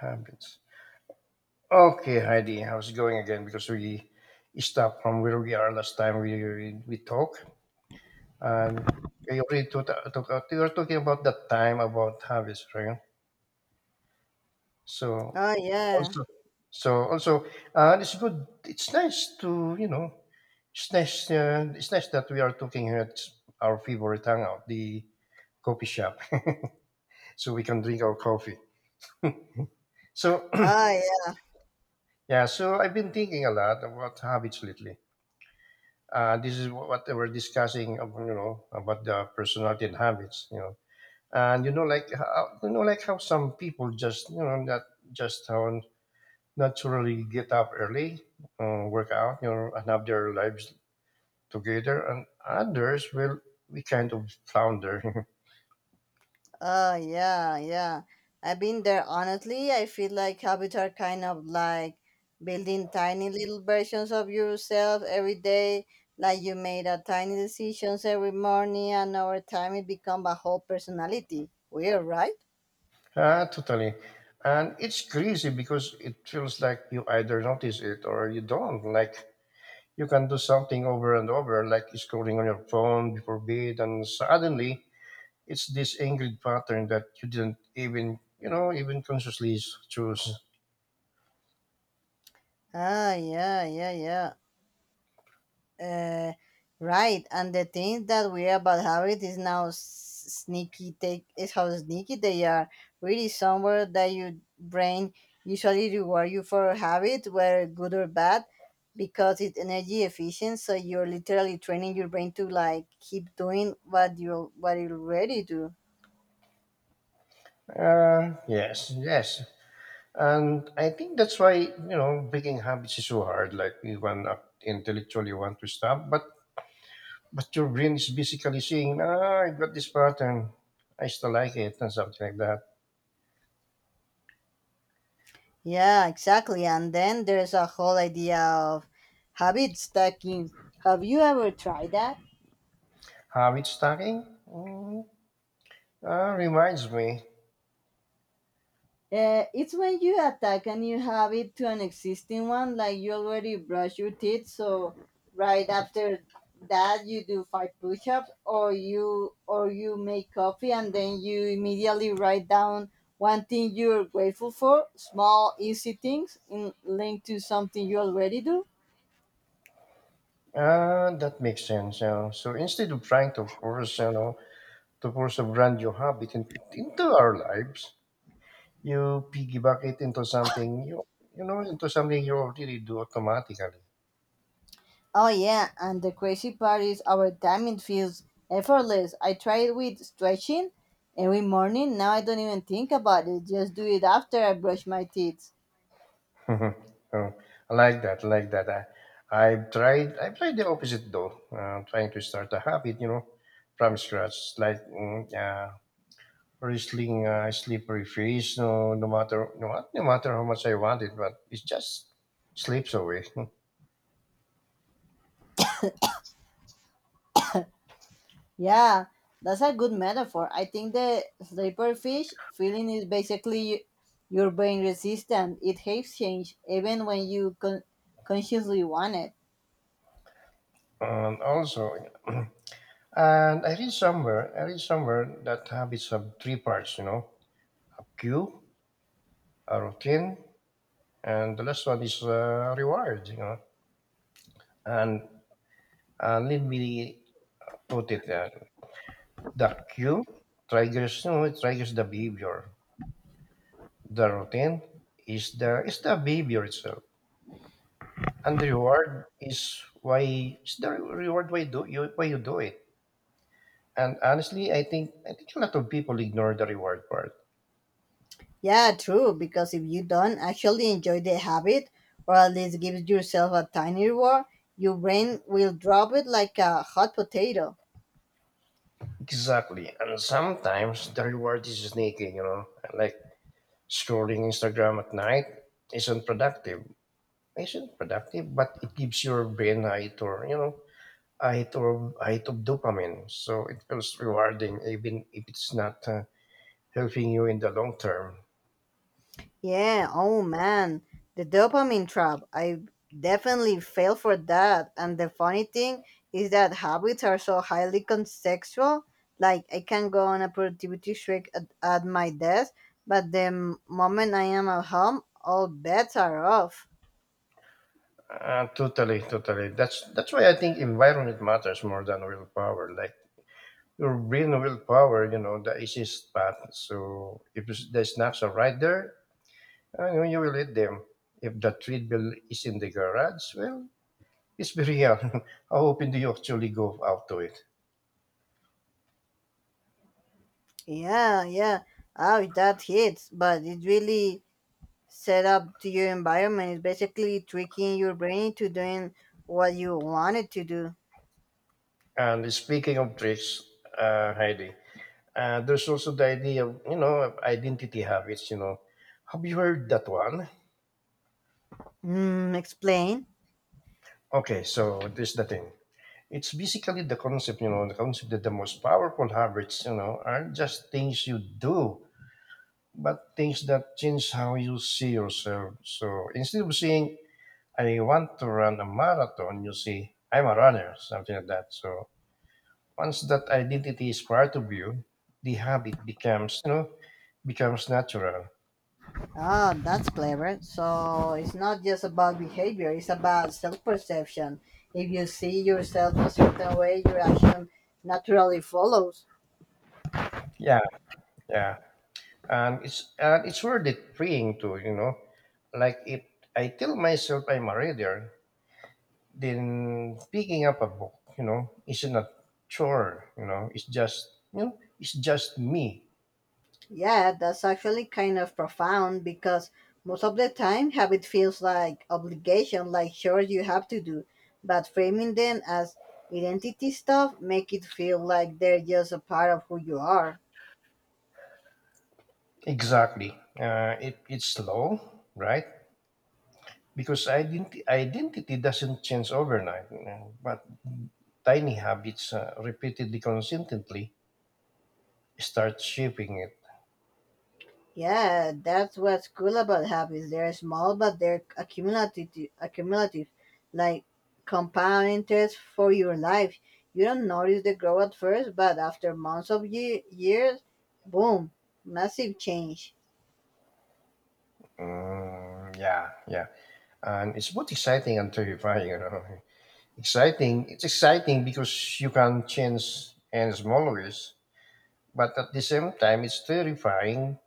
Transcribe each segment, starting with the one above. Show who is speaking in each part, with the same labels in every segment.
Speaker 1: Habits. Okay, Heidi, how's it going again? Because we stopped from where we are last time we talk, and you already you were talking about that time about habits, right? So
Speaker 2: Oh yeah.
Speaker 1: also, so it's good. It's nice to you know, it's nice. It's nice that we are talking here at our favorite hangout, the coffee shop, so we can drink our coffee. So
Speaker 2: Oh yeah.
Speaker 1: yeah, so I've been thinking a lot about habits lately. This is what we're discussing, about, you know, about the personality and habits, you know. And you know, like how, you know, like how some people just, you know, that just how naturally get up early, work out, you know, and have their lives together, and others will we kind of flounder.
Speaker 2: Oh yeah. Yeah, I've been there. Honestly, I feel like habits are kind of like building tiny little versions of yourself every day. Like you made a tiny decisions every morning, and over time it become a whole personality. Weird, right?
Speaker 1: Ah, totally. And it's crazy because it feels like you either notice it or you don't. Like you can do something over and over, like scrolling on your phone before bed, and suddenly it's this ingrained pattern that you didn't even you know even consciously choose.
Speaker 2: Ah, yeah, yeah, yeah. Uh, right, and the thing that we about habit is now sneaky. Take is how sneaky they are. Really, somewhere that your brain usually reward you for a habit, whether good or bad, because it's energy efficient. So you're literally training your brain to like keep doing what you already do.
Speaker 1: Yes, yes, and I think that's why, you know, breaking habits is so hard. Like we want, intellectually want to stop, but your brain is basically saying, ah, I got this pattern, I still like it, and something like that.
Speaker 2: Yeah, exactly. And then there's a whole idea of habit stacking. Have you ever tried that?
Speaker 1: Habit stacking. Reminds me.
Speaker 2: It's when you attack and you have it to an existing one, like you already brush your teeth, so right after that you do five push-ups, or you make coffee, and then you immediately write down one thing you're grateful for, small, easy things in, linked to something you already do.
Speaker 1: Ah, that makes sense, yeah. So instead of trying to force a brand new habit in, into our lives, you piggyback it into something you you know into something you already do automatically.
Speaker 2: Oh yeah, and the crazy part is our timing feels effortless. I tried with stretching every morning. Now I don't even think about it. Just do it after I brush my teeth.
Speaker 1: Oh, I like that. I like that. I've tried. I've tried the opposite though. Trying to start a habit, you know, from scratch, like, wrestling, slippery freeze. No matter how much I want it, but it just slips away.
Speaker 2: Yeah, that's a good metaphor. I think the sleeper fish feeling is basically your brain resistant. It hates change even when you consciously want it.
Speaker 1: And also, and I read somewhere that habits have 3 parts. You know, a cue, a routine, and the last one is, reward, you know. And, let me put it, the cue triggers, you know, it triggers the behavior. The routine is the behavior itself, and the reward, why do you, why you do it. And honestly, I think a lot of people ignore the reward part.
Speaker 2: Yeah, true, because if you don't actually enjoy the habit, or at least give yourself a tiny reward, your brain will drop it like a hot potato.
Speaker 1: Exactly, and sometimes the reward is sneaky, you know, like scrolling Instagram at night isn't productive. Patient productive, but it gives your brain a hit, or you know, a hit of dopamine, so it feels rewarding even if it's not, helping you in the long term.
Speaker 2: Yeah, oh man, the dopamine trap. I definitely fell for that. And the funny thing is that habits are so highly contextual. Like, I can go on a productivity streak at my desk, but the moment I am at home, all bets are off.
Speaker 1: Totally. That's why I think environment matters more than willpower. Like your brain willpower, you know, the easiest path. So if it's- the snacks are right there, I know you will eat them. If the treadmill is in the garage, well, it's very real. How often do you actually go out to it?
Speaker 2: Yeah, yeah. Oh, that hits, but it really set up to your environment. It's basically tricking your brain to doing what you wanted to do.
Speaker 1: And speaking of traits, Heidi, there's also the idea of, you know, of identity habits, you know. Have you heard that one?
Speaker 2: Mm, explain.
Speaker 1: Okay, so this the thing. It's basically the concept, you know, the concept that the most powerful habits, you know, aren't just things you do, but things that change how you see yourself. So instead of saying, I want to run a marathon, you see, I'm a runner, something like that. So once that identity is part of you, the habit becomes, you know, becomes natural.
Speaker 2: Ah, that's clever. So it's not just about behavior, it's about self perception. If you see yourself a certain way, your action naturally follows.
Speaker 1: Yeah, yeah, and it's worth it praying to, you know, like if I tell myself I'm a reader, then picking up a book, you know, isn't a chore. It's just me.
Speaker 2: Yeah, that's actually kind of profound because most of the time habit feels like obligation, like sure you have to do, but framing them as identity stuff make it feel like they're just a part of who you are.
Speaker 1: Exactly. It's slow, right? Because identity doesn't change overnight, you know, but tiny habits, repeatedly, consistently start shaping it.
Speaker 2: Yeah, that's what's cool about habits. They're small, but they're accumulative, like compound interest for your life. You don't notice the growth at first, but after months of years, boom, massive change.
Speaker 1: Mm, yeah, yeah. And it's both exciting and terrifying. You know? Exciting, it's exciting because you can change any small ways, but at the same time, it's terrifying,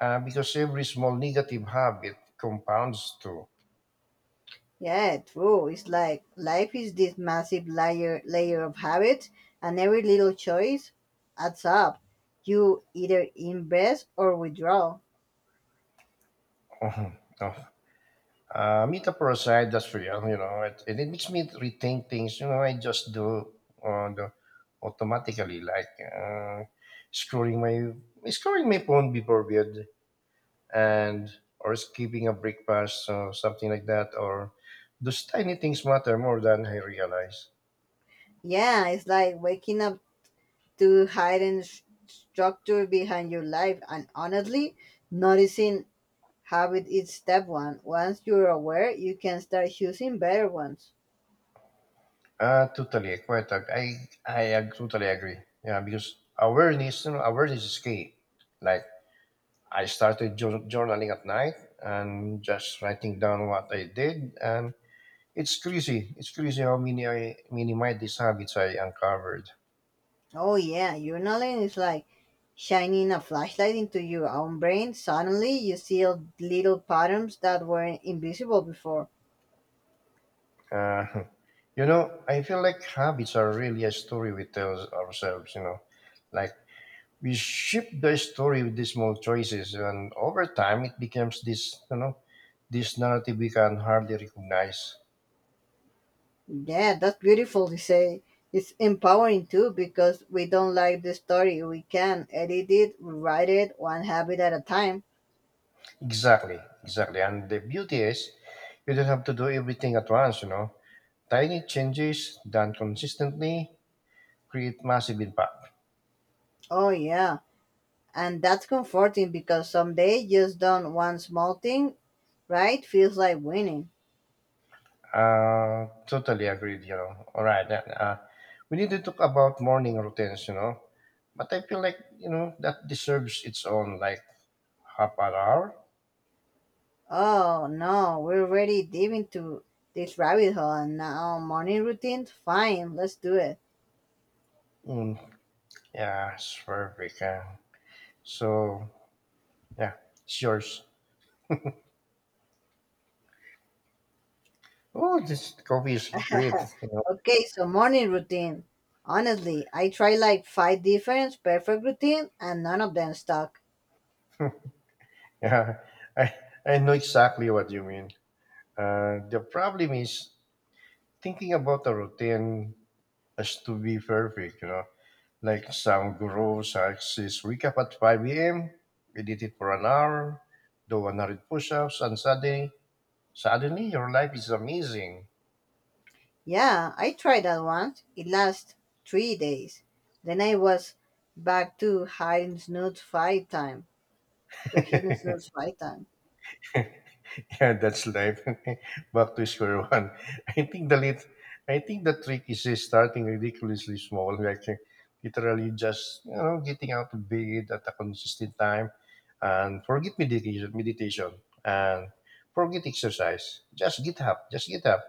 Speaker 1: because every small negative habit compounds to.
Speaker 2: Yeah, true. It's like life is this massive layer of habits, and every little choice adds up. You either invest or withdraw.
Speaker 1: Oh, meetup a aside, that's for you, you know, it, and it makes me rethink things. You know, I just do on the automatically, like, scrolling my scrolling my phone before bed, and or skipping a breakfast or something like that, or those tiny things matter more than I realize.
Speaker 2: Yeah, it's like waking up to hidden structure behind your life, and honestly, noticing habit is step one. Once you're aware, you can start choosing better ones.
Speaker 1: Totally, quite. Ag- I ag- Totally agree. Yeah, because awareness, you know, awareness is key. Like I started journaling at night and just writing down what I did. And it's crazy. It's crazy how many mindless habits I uncovered.
Speaker 2: Oh yeah, journaling is like shining a flashlight into your own brain. Suddenly you see little patterns that were invisible before.
Speaker 1: Uh, you know, I feel like habits are really a story we tell ourselves. You know, like we shape the story with these small choices, and over time it becomes this. You know, this narrative we can hardly recognize.
Speaker 2: Yeah, that's beautiful to say. It's empowering too because we don't like the story. We can edit it, rewrite it one habit at a time.
Speaker 1: Exactly, exactly. And the beauty is, you don't have to do everything at once. You know, tiny changes done consistently create massive impact.
Speaker 2: Oh yeah. And that's comforting because someday just done one small thing, right? Feels like winning.
Speaker 1: Totally agreed, you know. All right, then. We need to talk about morning routines, you know. But I feel like, you know, that deserves its own, like, half an hour.
Speaker 2: Oh no, we're already deep into this rabbit hole and now morning routine? Fine, let's do it.
Speaker 1: Mm, yeah, it's perfect. So, yeah, it's yours. Oh, this coffee is great. You know?
Speaker 2: Okay, so morning routine. Honestly, I tried like five different perfect routine and none of them stuck.
Speaker 1: Yeah, I, I know exactly what you mean. The problem is thinking about a routine has to be perfect, you know. Like some guru says, wake up at 5 a.m., meditate for an hour, do 100 push-ups, and suddenly your life is amazing.
Speaker 2: Yeah, I tried that once. It lasted 3 days. Then I was back to hiding snooze five time. To hitting snooze five time.
Speaker 1: Yeah, that's life. Back to square one. I think the lit- I think the trick is just starting ridiculously small, like, literally just, you know, getting out of bed at a consistent time, and forget meditation, and forget exercise. Just get up. Just get up.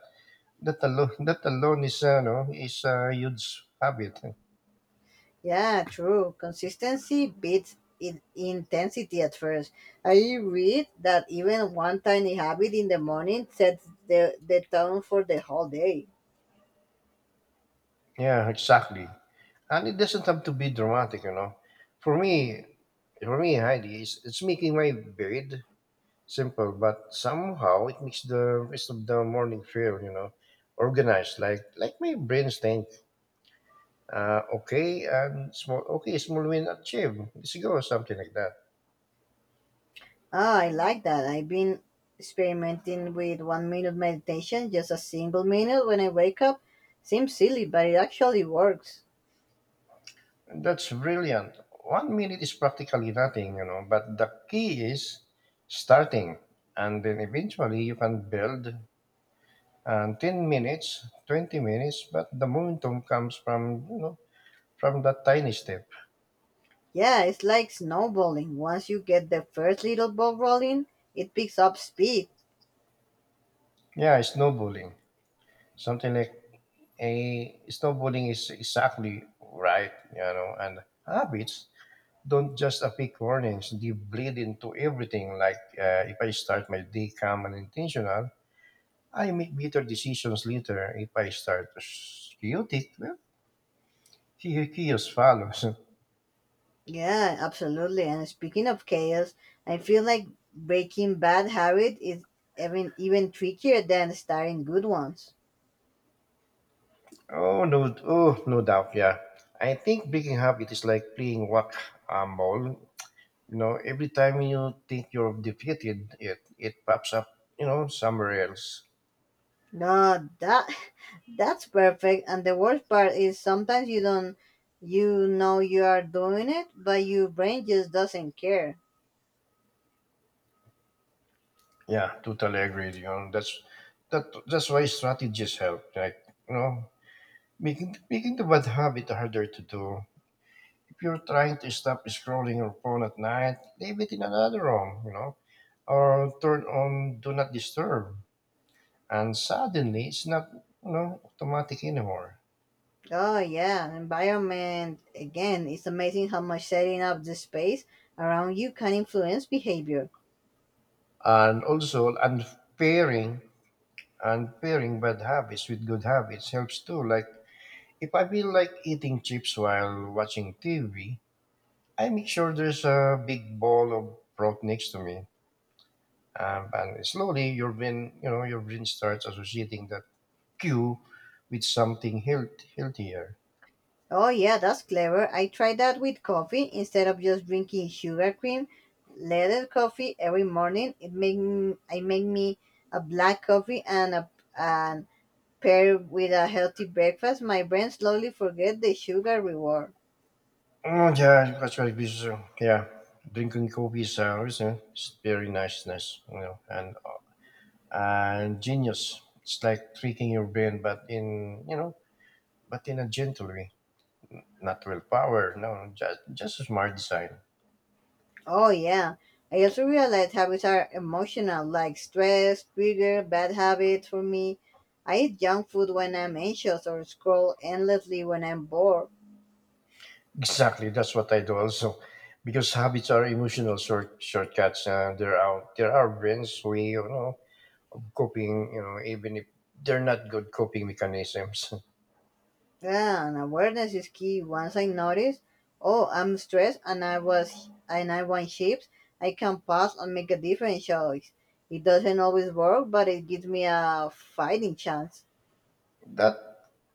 Speaker 1: That alone is a huge habit.
Speaker 2: Yeah, true. Consistency beats intensity at first. I read that even one tiny habit in the morning sets the tone for the whole day.
Speaker 1: Yeah, exactly. And it doesn't have to be dramatic, you know. For me, for me, Heidi, it's making my bed, simple, but somehow it makes the rest of the morning feel, you know, organized. Like my brain's think, okay, small win achieved. Let's go, something like that.
Speaker 2: Ah, I like that. I've been experimenting with 1 minute meditation, just a single minute when I wake up. Seems silly, but it actually works.
Speaker 1: That's brilliant. 1 minute is practically nothing, you know, but the key is starting. And then eventually you can build and 10 minutes, 20 minutes, but the momentum comes from, you know, from that tiny step.
Speaker 2: Yeah, it's like snowballing. Once you get the first little ball rolling, it picks up speed.
Speaker 1: Yeah, snowballing. Something like a snowballing is exactly right, you know, and habits don't just a quick warnings, they bleed into everything. Like, if I start my day calm and intentional, I make better decisions later. If I start chaotic, well, chaos follows.
Speaker 2: Yeah, absolutely. And speaking of chaos, I feel like breaking bad habit is even trickier than starting good ones.
Speaker 1: Oh no! Oh no doubt. Yeah, I think breaking up it is like playing whack a mole. You know, every time you think you're defeated, it pops up. You know, somewhere else.
Speaker 2: No, that that's perfect. And the worst part is sometimes you don't you know you are doing it, but your brain just doesn't care.
Speaker 1: Yeah, totally agree. You know, that's that. That's why strategies help. Like, you know, making the bad habit harder to do. If you're trying to stop scrolling your phone at night, leave it in another room, you know, or turn on do not disturb. And suddenly it's not, you know, automatic anymore.
Speaker 2: Oh yeah, environment again. It's amazing how much setting up the space around you can influence behavior.
Speaker 1: And also unpairing and pairing bad habits with good habits helps too. Like if I feel like eating chips while watching TV, I make sure there's a big bowl of fruit next to me. And slowly your brain starts associating that you with something healthier.
Speaker 2: Oh, yeah, that's clever. I tried that with coffee. Instead of just drinking sugar cream, leaded coffee every morning, it make I make me a black coffee and pair with a healthy breakfast. My brain slowly forget the sugar reward.
Speaker 1: Oh yeah, that's very busy. Yeah, drinking coffee is always, it's very niceness, you know, and genius. It's like tricking your brain, but, but in a gentle way, not real power. No, just a smart design.
Speaker 2: Oh, yeah. I also realized habits are emotional, like stress, trigger, bad habits for me. I eat junk food when I'm anxious or scroll endlessly when I'm bored.
Speaker 1: Exactly, that's what I do also, because habits are emotional shortcuts. There are brains we, you know, coping, you know, even if they're not good coping mechanisms.
Speaker 2: Yeah, and awareness is key. Once I notice, oh, I'm stressed and I want chips, I can pause and make a different choice. It doesn't always work, but it gives me a fighting chance.
Speaker 1: That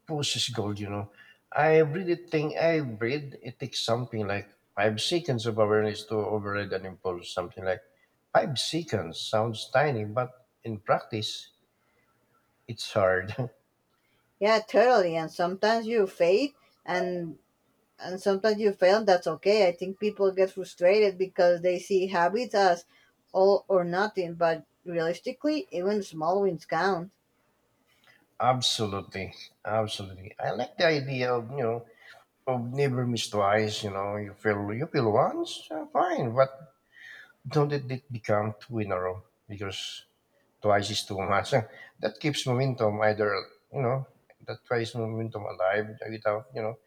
Speaker 1: process gold, you know. I really think I read it takes something like 5 seconds of awareness to override an impulse. Something like 5 seconds sounds tiny, but in practice, it's hard.
Speaker 2: Yeah, totally. And and sometimes you fail, that's okay. I think people get frustrated because they see habits as all or nothing, but realistically, even small wins count.
Speaker 1: absolutely, absolutely. I like the idea of, you know, of never miss twice. You know, you feel once, fine, but don't let it become 2 in a row because twice is too much. That keeps momentum either, you know, that twice momentum alive without, you know,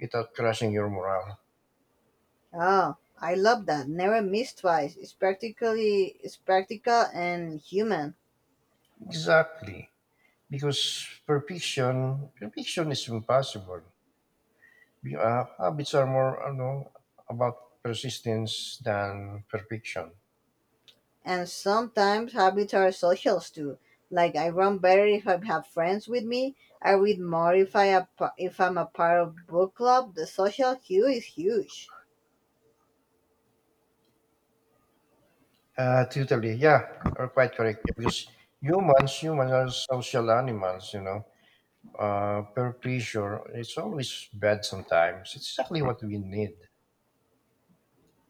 Speaker 1: without crushing your morale.
Speaker 2: Oh, I love that. Never miss twice. It's practical and human.
Speaker 1: Exactly. Because perfection is impossible. Habits are more, you know, about persistence than perfection.
Speaker 2: And sometimes habits are socials too. Like I run better if I have friends with me. I read more if I'm a part of book club. The social hue is huge.
Speaker 1: Totally. Yeah, you're quite correct. Because humans are social animals, you know. Peer pressure, it's always bad sometimes. It's exactly what we need.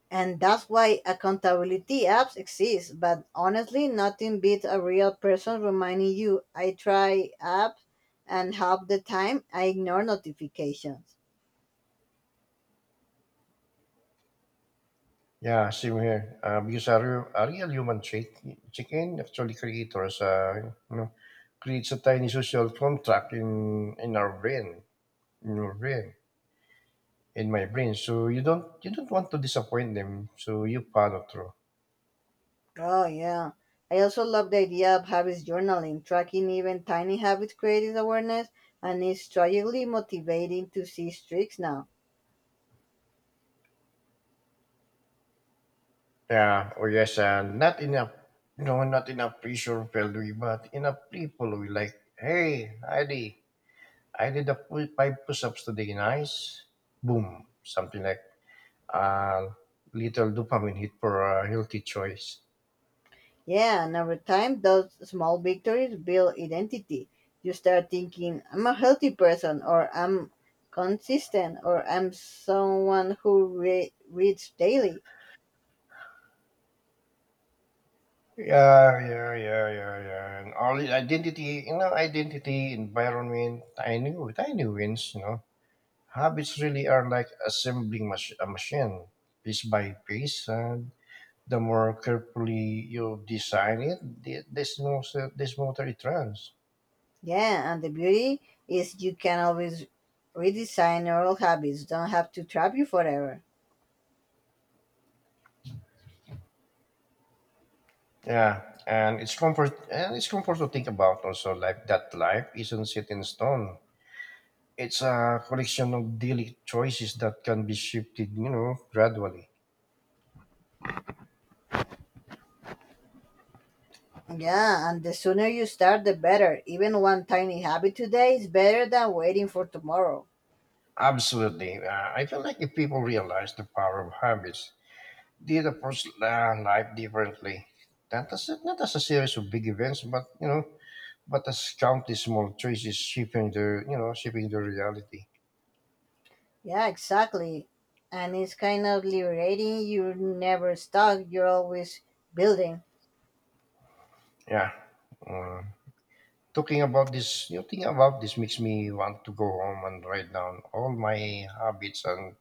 Speaker 2: And that's why accountability apps exist. But honestly, nothing beats a real person reminding you. I try apps and half the time I ignore notifications.
Speaker 1: Yeah, same here. Because a real human trait. Chicken actually creators, creates a tiny social contract in our brain, in your brain, in my brain. So you don't want to disappoint them. So you follow through.
Speaker 2: Oh, yeah. I also love the idea of habits journaling, tracking even tiny habits creates awareness, and it's tragically motivating to see streaks now.
Speaker 1: Yeah, or yes, not enough, not enough pressure value, but enough people will like, hey, I did five push-ups today, nice, boom, something like a little dopamine hit for a healthy choice.
Speaker 2: Yeah, and over time, those small victories build identity. You start thinking, I'm a healthy person, or I'm consistent, or I'm someone who reads daily.
Speaker 1: Yeah, yeah, yeah, yeah, yeah. And all the identity, identity, environment, tiny wins, Habits really are like assembling a machine piece by piece. And the more carefully you design it, the smoother it runs.
Speaker 2: Yeah, and the beauty is you can always redesign oral habits, don't have to trap you forever.
Speaker 1: Yeah, and it's comfort to think about also, like, that life isn't set in stone. It's a collection of daily choices that can be shifted, gradually.
Speaker 2: Yeah, and the sooner you start, the better. Even one tiny habit today is better than waiting for tomorrow.
Speaker 1: Absolutely. I feel like if people realize the power of habits, they'd approach life differently. Not as, a, not as a series of big events, but, but as countless small choices shaping the, shaping the reality.
Speaker 2: Yeah, exactly. And it's kind of liberating. You're never stuck, you're always building.
Speaker 1: Yeah. Uh, Talking about this, thinking about this makes me want to go home and write down all my habits and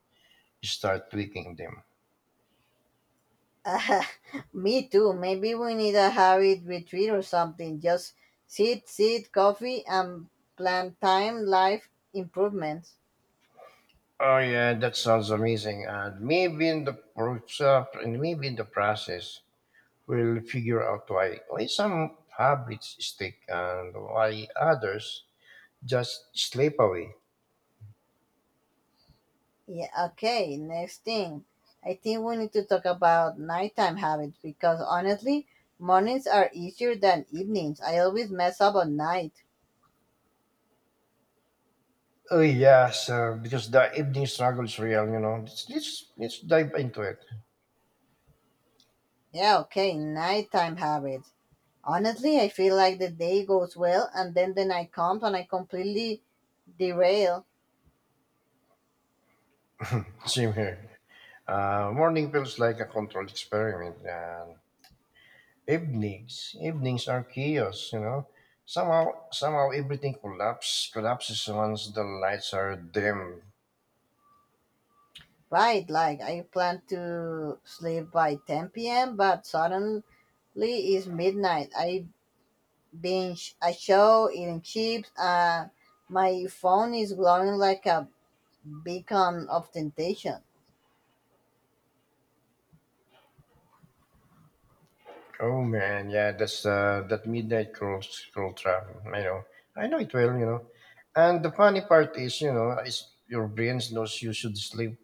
Speaker 1: start tweaking them.
Speaker 2: Ah, me too. Maybe we need a habit retreat or something. Just sit, coffee, and plan time life improvements.
Speaker 1: Oh yeah, that sounds amazing. And maybe in the process, we'll figure out why some habits stick and why others just slip away.
Speaker 2: Yeah, okay, next thing. I think we need to talk about nighttime habits because honestly, mornings are easier than evenings. I always mess up on night.
Speaker 1: Oh yes, because the evening struggle is real. You know, let's dive into it.
Speaker 2: Yeah, okay, nighttime habits. Honestly, I feel like the day goes well and then the night comes and I completely derail.
Speaker 1: Same here. Morning feels like a controlled experiment, and evenings are chaos. You know, somehow everything collapses once the lights are dim.
Speaker 2: Right, like I plan to sleep by 10 p.m., but suddenly it's midnight. I binge a show, eating chips, and my phone is glowing like a beacon of temptation.
Speaker 1: Oh man, yeah, that's that midnight cruel travel. I know it well. You know, and the funny part is, is your brain knows you should sleep,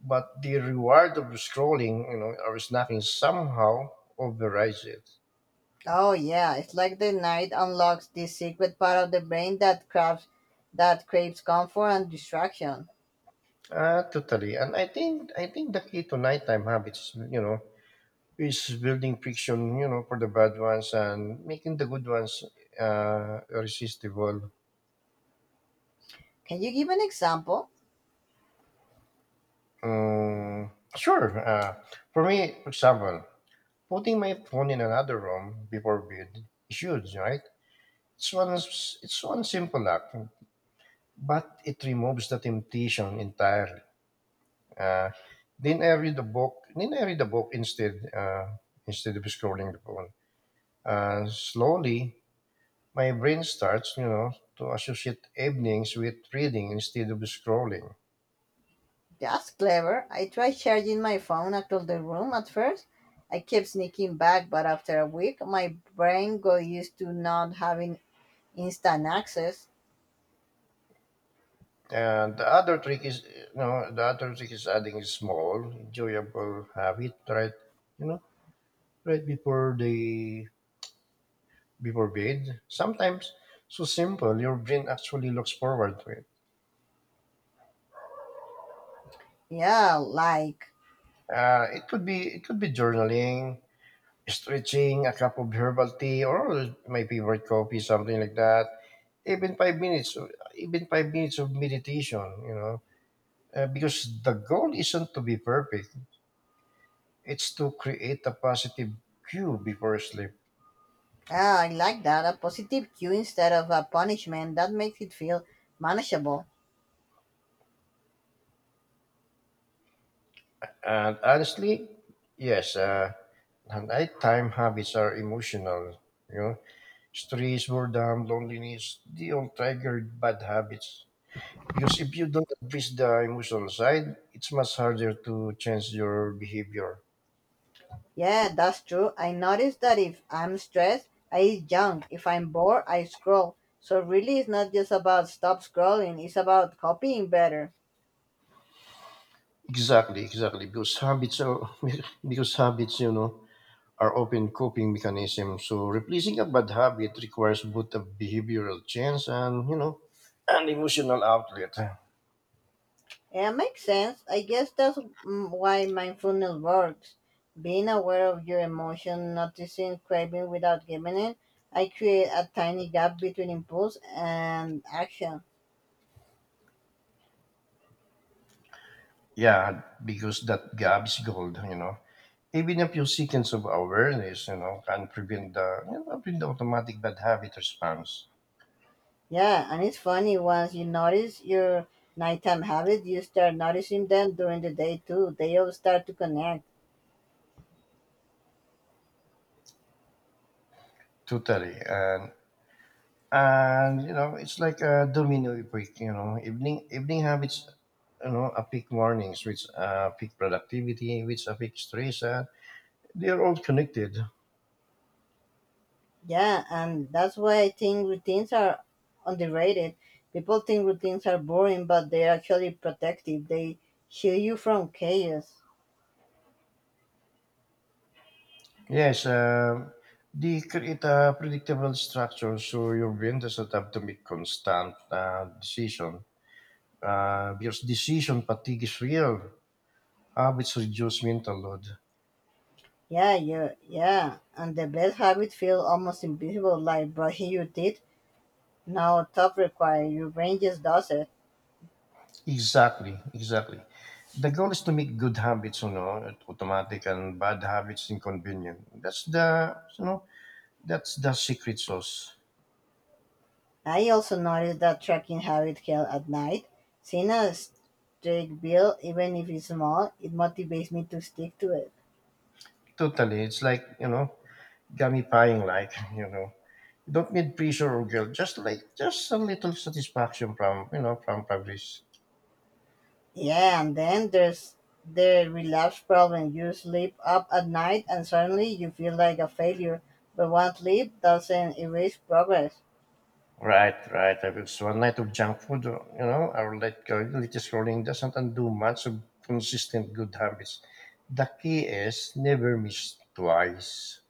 Speaker 1: but the reward of scrolling, or snacking somehow overrides it.
Speaker 2: Oh yeah, it's like the night unlocks this secret part of the brain that craves comfort and distraction.
Speaker 1: Ah, totally. And I think the key to nighttime habits, is building friction, for the bad ones and making the good ones irresistible.
Speaker 2: Can you give an example?
Speaker 1: Mm, sure. For me, for example. Putting my phone in another room before bed is huge, right? It's one, it's one simple act, but it removes the temptation entirely. Uh, then I read the book. Then I read the book instead, instead of scrolling the phone. Slowly, my brain starts, to associate evenings with reading instead of scrolling.
Speaker 2: That's clever. I tried charging my phone across the room at first. I kept sneaking back, but after a week, my brain got used to not having instant access.
Speaker 1: And the other trick is, adding a small, enjoyable habit, right? You know, right before the before bed. Sometimes so simple, your brain actually looks forward to it.
Speaker 2: Yeah, like
Speaker 1: It could be journaling, stretching, a cup of herbal tea, or my favorite coffee, something like that. Even 5 minutes, even 5 minutes of meditation. Because the goal isn't to be perfect; it's to create a positive cue before sleep.
Speaker 2: Ah, I like that. A positive cue instead of a punishment. That makes it feel manageable.
Speaker 1: And honestly, yes, and nighttime habits are emotional. You know, stress, boredom, loneliness, they all trigger bad habits. Because if you don't address the emotional side, it's much harder to change your behavior.
Speaker 2: Yeah, that's true. I noticed that if I'm stressed, I eat junk. If I'm bored, I scroll. So really, it's not just about stop scrolling. It's about copying better.
Speaker 1: Exactly, exactly. Because habits are because habits, are often coping mechanisms. So replacing a bad habit requires both a behavioral change and, you know, an emotional outlet.
Speaker 2: Yeah, makes sense. I guess that's why mindfulness works. Being aware of your emotion, noticing craving without giving in. I create a tiny gap between impulse and action.
Speaker 1: Yeah, because that gap is gold, Even a few seconds of awareness, can prevent the, you know, prevent the automatic bad habit response.
Speaker 2: Yeah, and it's funny once you notice your nighttime habits, you start noticing them during the day too. They all start to connect.
Speaker 1: Totally, and you know, it's like a domino effect. You know, evening habits, affect mornings, which affect productivity, which affect stress. They are all connected.
Speaker 2: Yeah, and that's why I think routines are underrated. People think routines are boring, but they're actually protective. They shield you from chaos.
Speaker 1: Yes, they create a predictable structure, so your brain doesn't have to make constant decision. Because decision fatigue is real. Habits reduce mental load.
Speaker 2: Yeah, yeah, yeah. And the best habits feel almost invisible, like brushing your teeth. No thought required. Your brain just does it.
Speaker 1: Exactly, exactly. The goal is to make good habits, automatic and bad habits inconvenient. That's that's the secret sauce.
Speaker 2: I also noticed that tracking habit Hill at night, seeing a streak build, even if it's small, it motivates me to stick to it.
Speaker 1: Totally, it's like, you know, gamifying, like, you know, you don't need pressure or guilt. Just like, just a little satisfaction from, you know, from progress.
Speaker 2: Yeah, and then there's the relapse problem. You sleep up at night and suddenly you feel like a failure, but one sleep doesn't erase progress.
Speaker 1: Right, right. I will. So a night of junk food, or light quality scrolling doesn't undo much of consistent good habits. The key is never miss twice.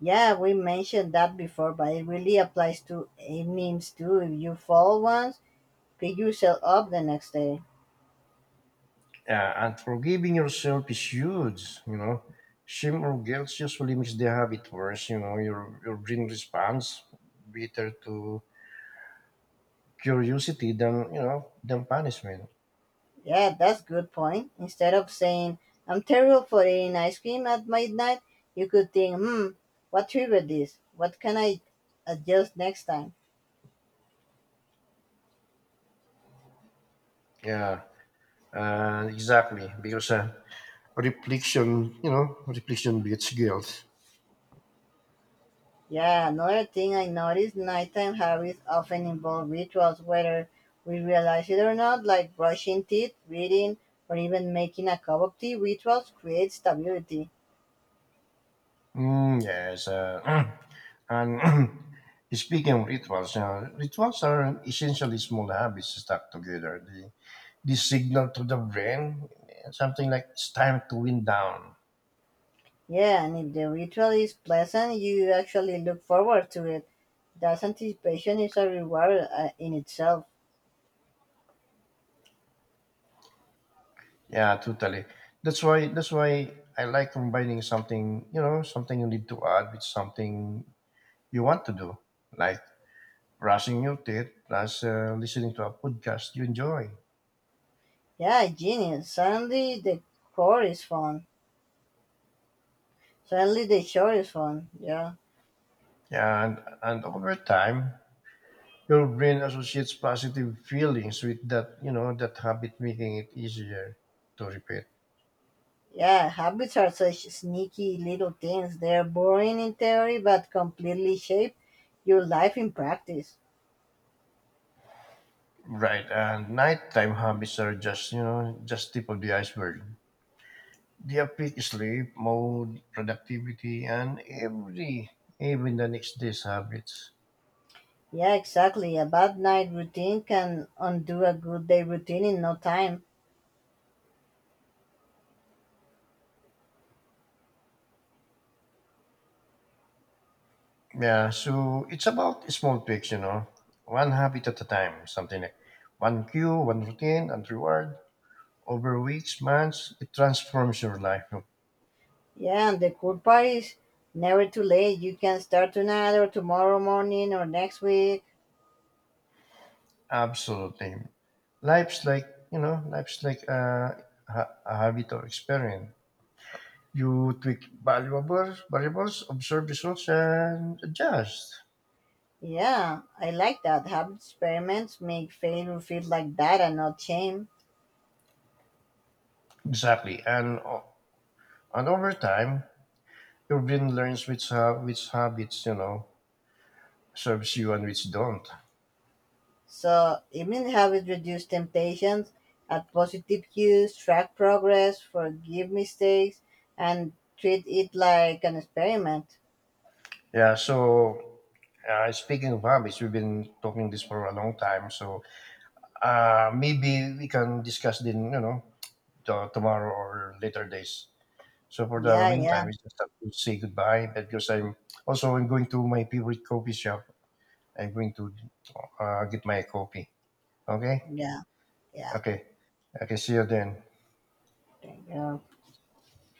Speaker 2: Yeah, we mentioned that before, but it really applies to evenings too. If you fall once, pick yourself up the next day.
Speaker 1: And forgiving yourself is huge, Shame or guilt usually makes the habit worse, you know. Your brain responds better to curiosity than, you know, than punishment.
Speaker 2: Yeah, that's good point. Instead of saying, I'm terrible for eating ice cream at midnight, you could think, hmm, what triggered this? What can I adjust next time?
Speaker 1: Yeah, exactly. Because reflection, reflection beats guilt.
Speaker 2: Yeah, another thing I noticed nighttime habits often involve rituals, whether we realize it or not, like brushing teeth, reading, or even making a cup of tea. Rituals create stability.
Speaker 1: Mm, yes, and speaking of rituals, rituals are essentially small habits stuck together. They signal to the brain, eh, something like it's time to wind down.
Speaker 2: Yeah, and if the ritual is pleasant, you actually look forward to it. That anticipation is a reward in itself.
Speaker 1: Yeah, totally. That's why I like combining something, you know, something you need to add with something you want to do, like brushing your teeth plus listening to a podcast you enjoy.
Speaker 2: Yeah, genius. Suddenly the core is fun. Suddenly the shore is fun. Yeah.
Speaker 1: Yeah, and over time your brain associates positive feelings with that, that habit, making it easier to repeat.
Speaker 2: Yeah, habits are such sneaky little things. They're boring in theory but completely shape your life in practice.
Speaker 1: Right, and nighttime habits are just, just tip of the iceberg. They affect sleep, mood, productivity, and every, even the next day's habits.
Speaker 2: Yeah, exactly. A bad night routine can undo a good day routine in no time.
Speaker 1: Yeah, so it's about small tweaks, one habit at a time, something like one cue, one routine, and reward. Over weeks, months, it transforms your life.
Speaker 2: Yeah, and the cool part is never too late. You can start tonight or tomorrow morning or next week.
Speaker 1: Absolutely. Life's like, life's like a, a habit or experience. You tweak variables, observe results, and adjust.
Speaker 2: Yeah, I like that. Habit experiments make failure feel like data, not shame.
Speaker 1: Exactly. And, and over time, your brain learns which habits, serves you and which don't.
Speaker 2: So, evening habits reduce temptations, add positive cues, track progress, forgive mistakes, and treat it like an experiment.
Speaker 1: Yeah, so speaking of habits, we've been talking this for a long time. So maybe we can discuss then, tomorrow or later days. So for the
Speaker 2: Yeah, yeah,
Speaker 1: meantime, we just have to say goodbye because I'm also I'm going to my favorite coffee shop. I'm going to get my coffee. Okay,
Speaker 2: yeah, yeah.
Speaker 1: okay, okay. See you then.
Speaker 2: Thank you.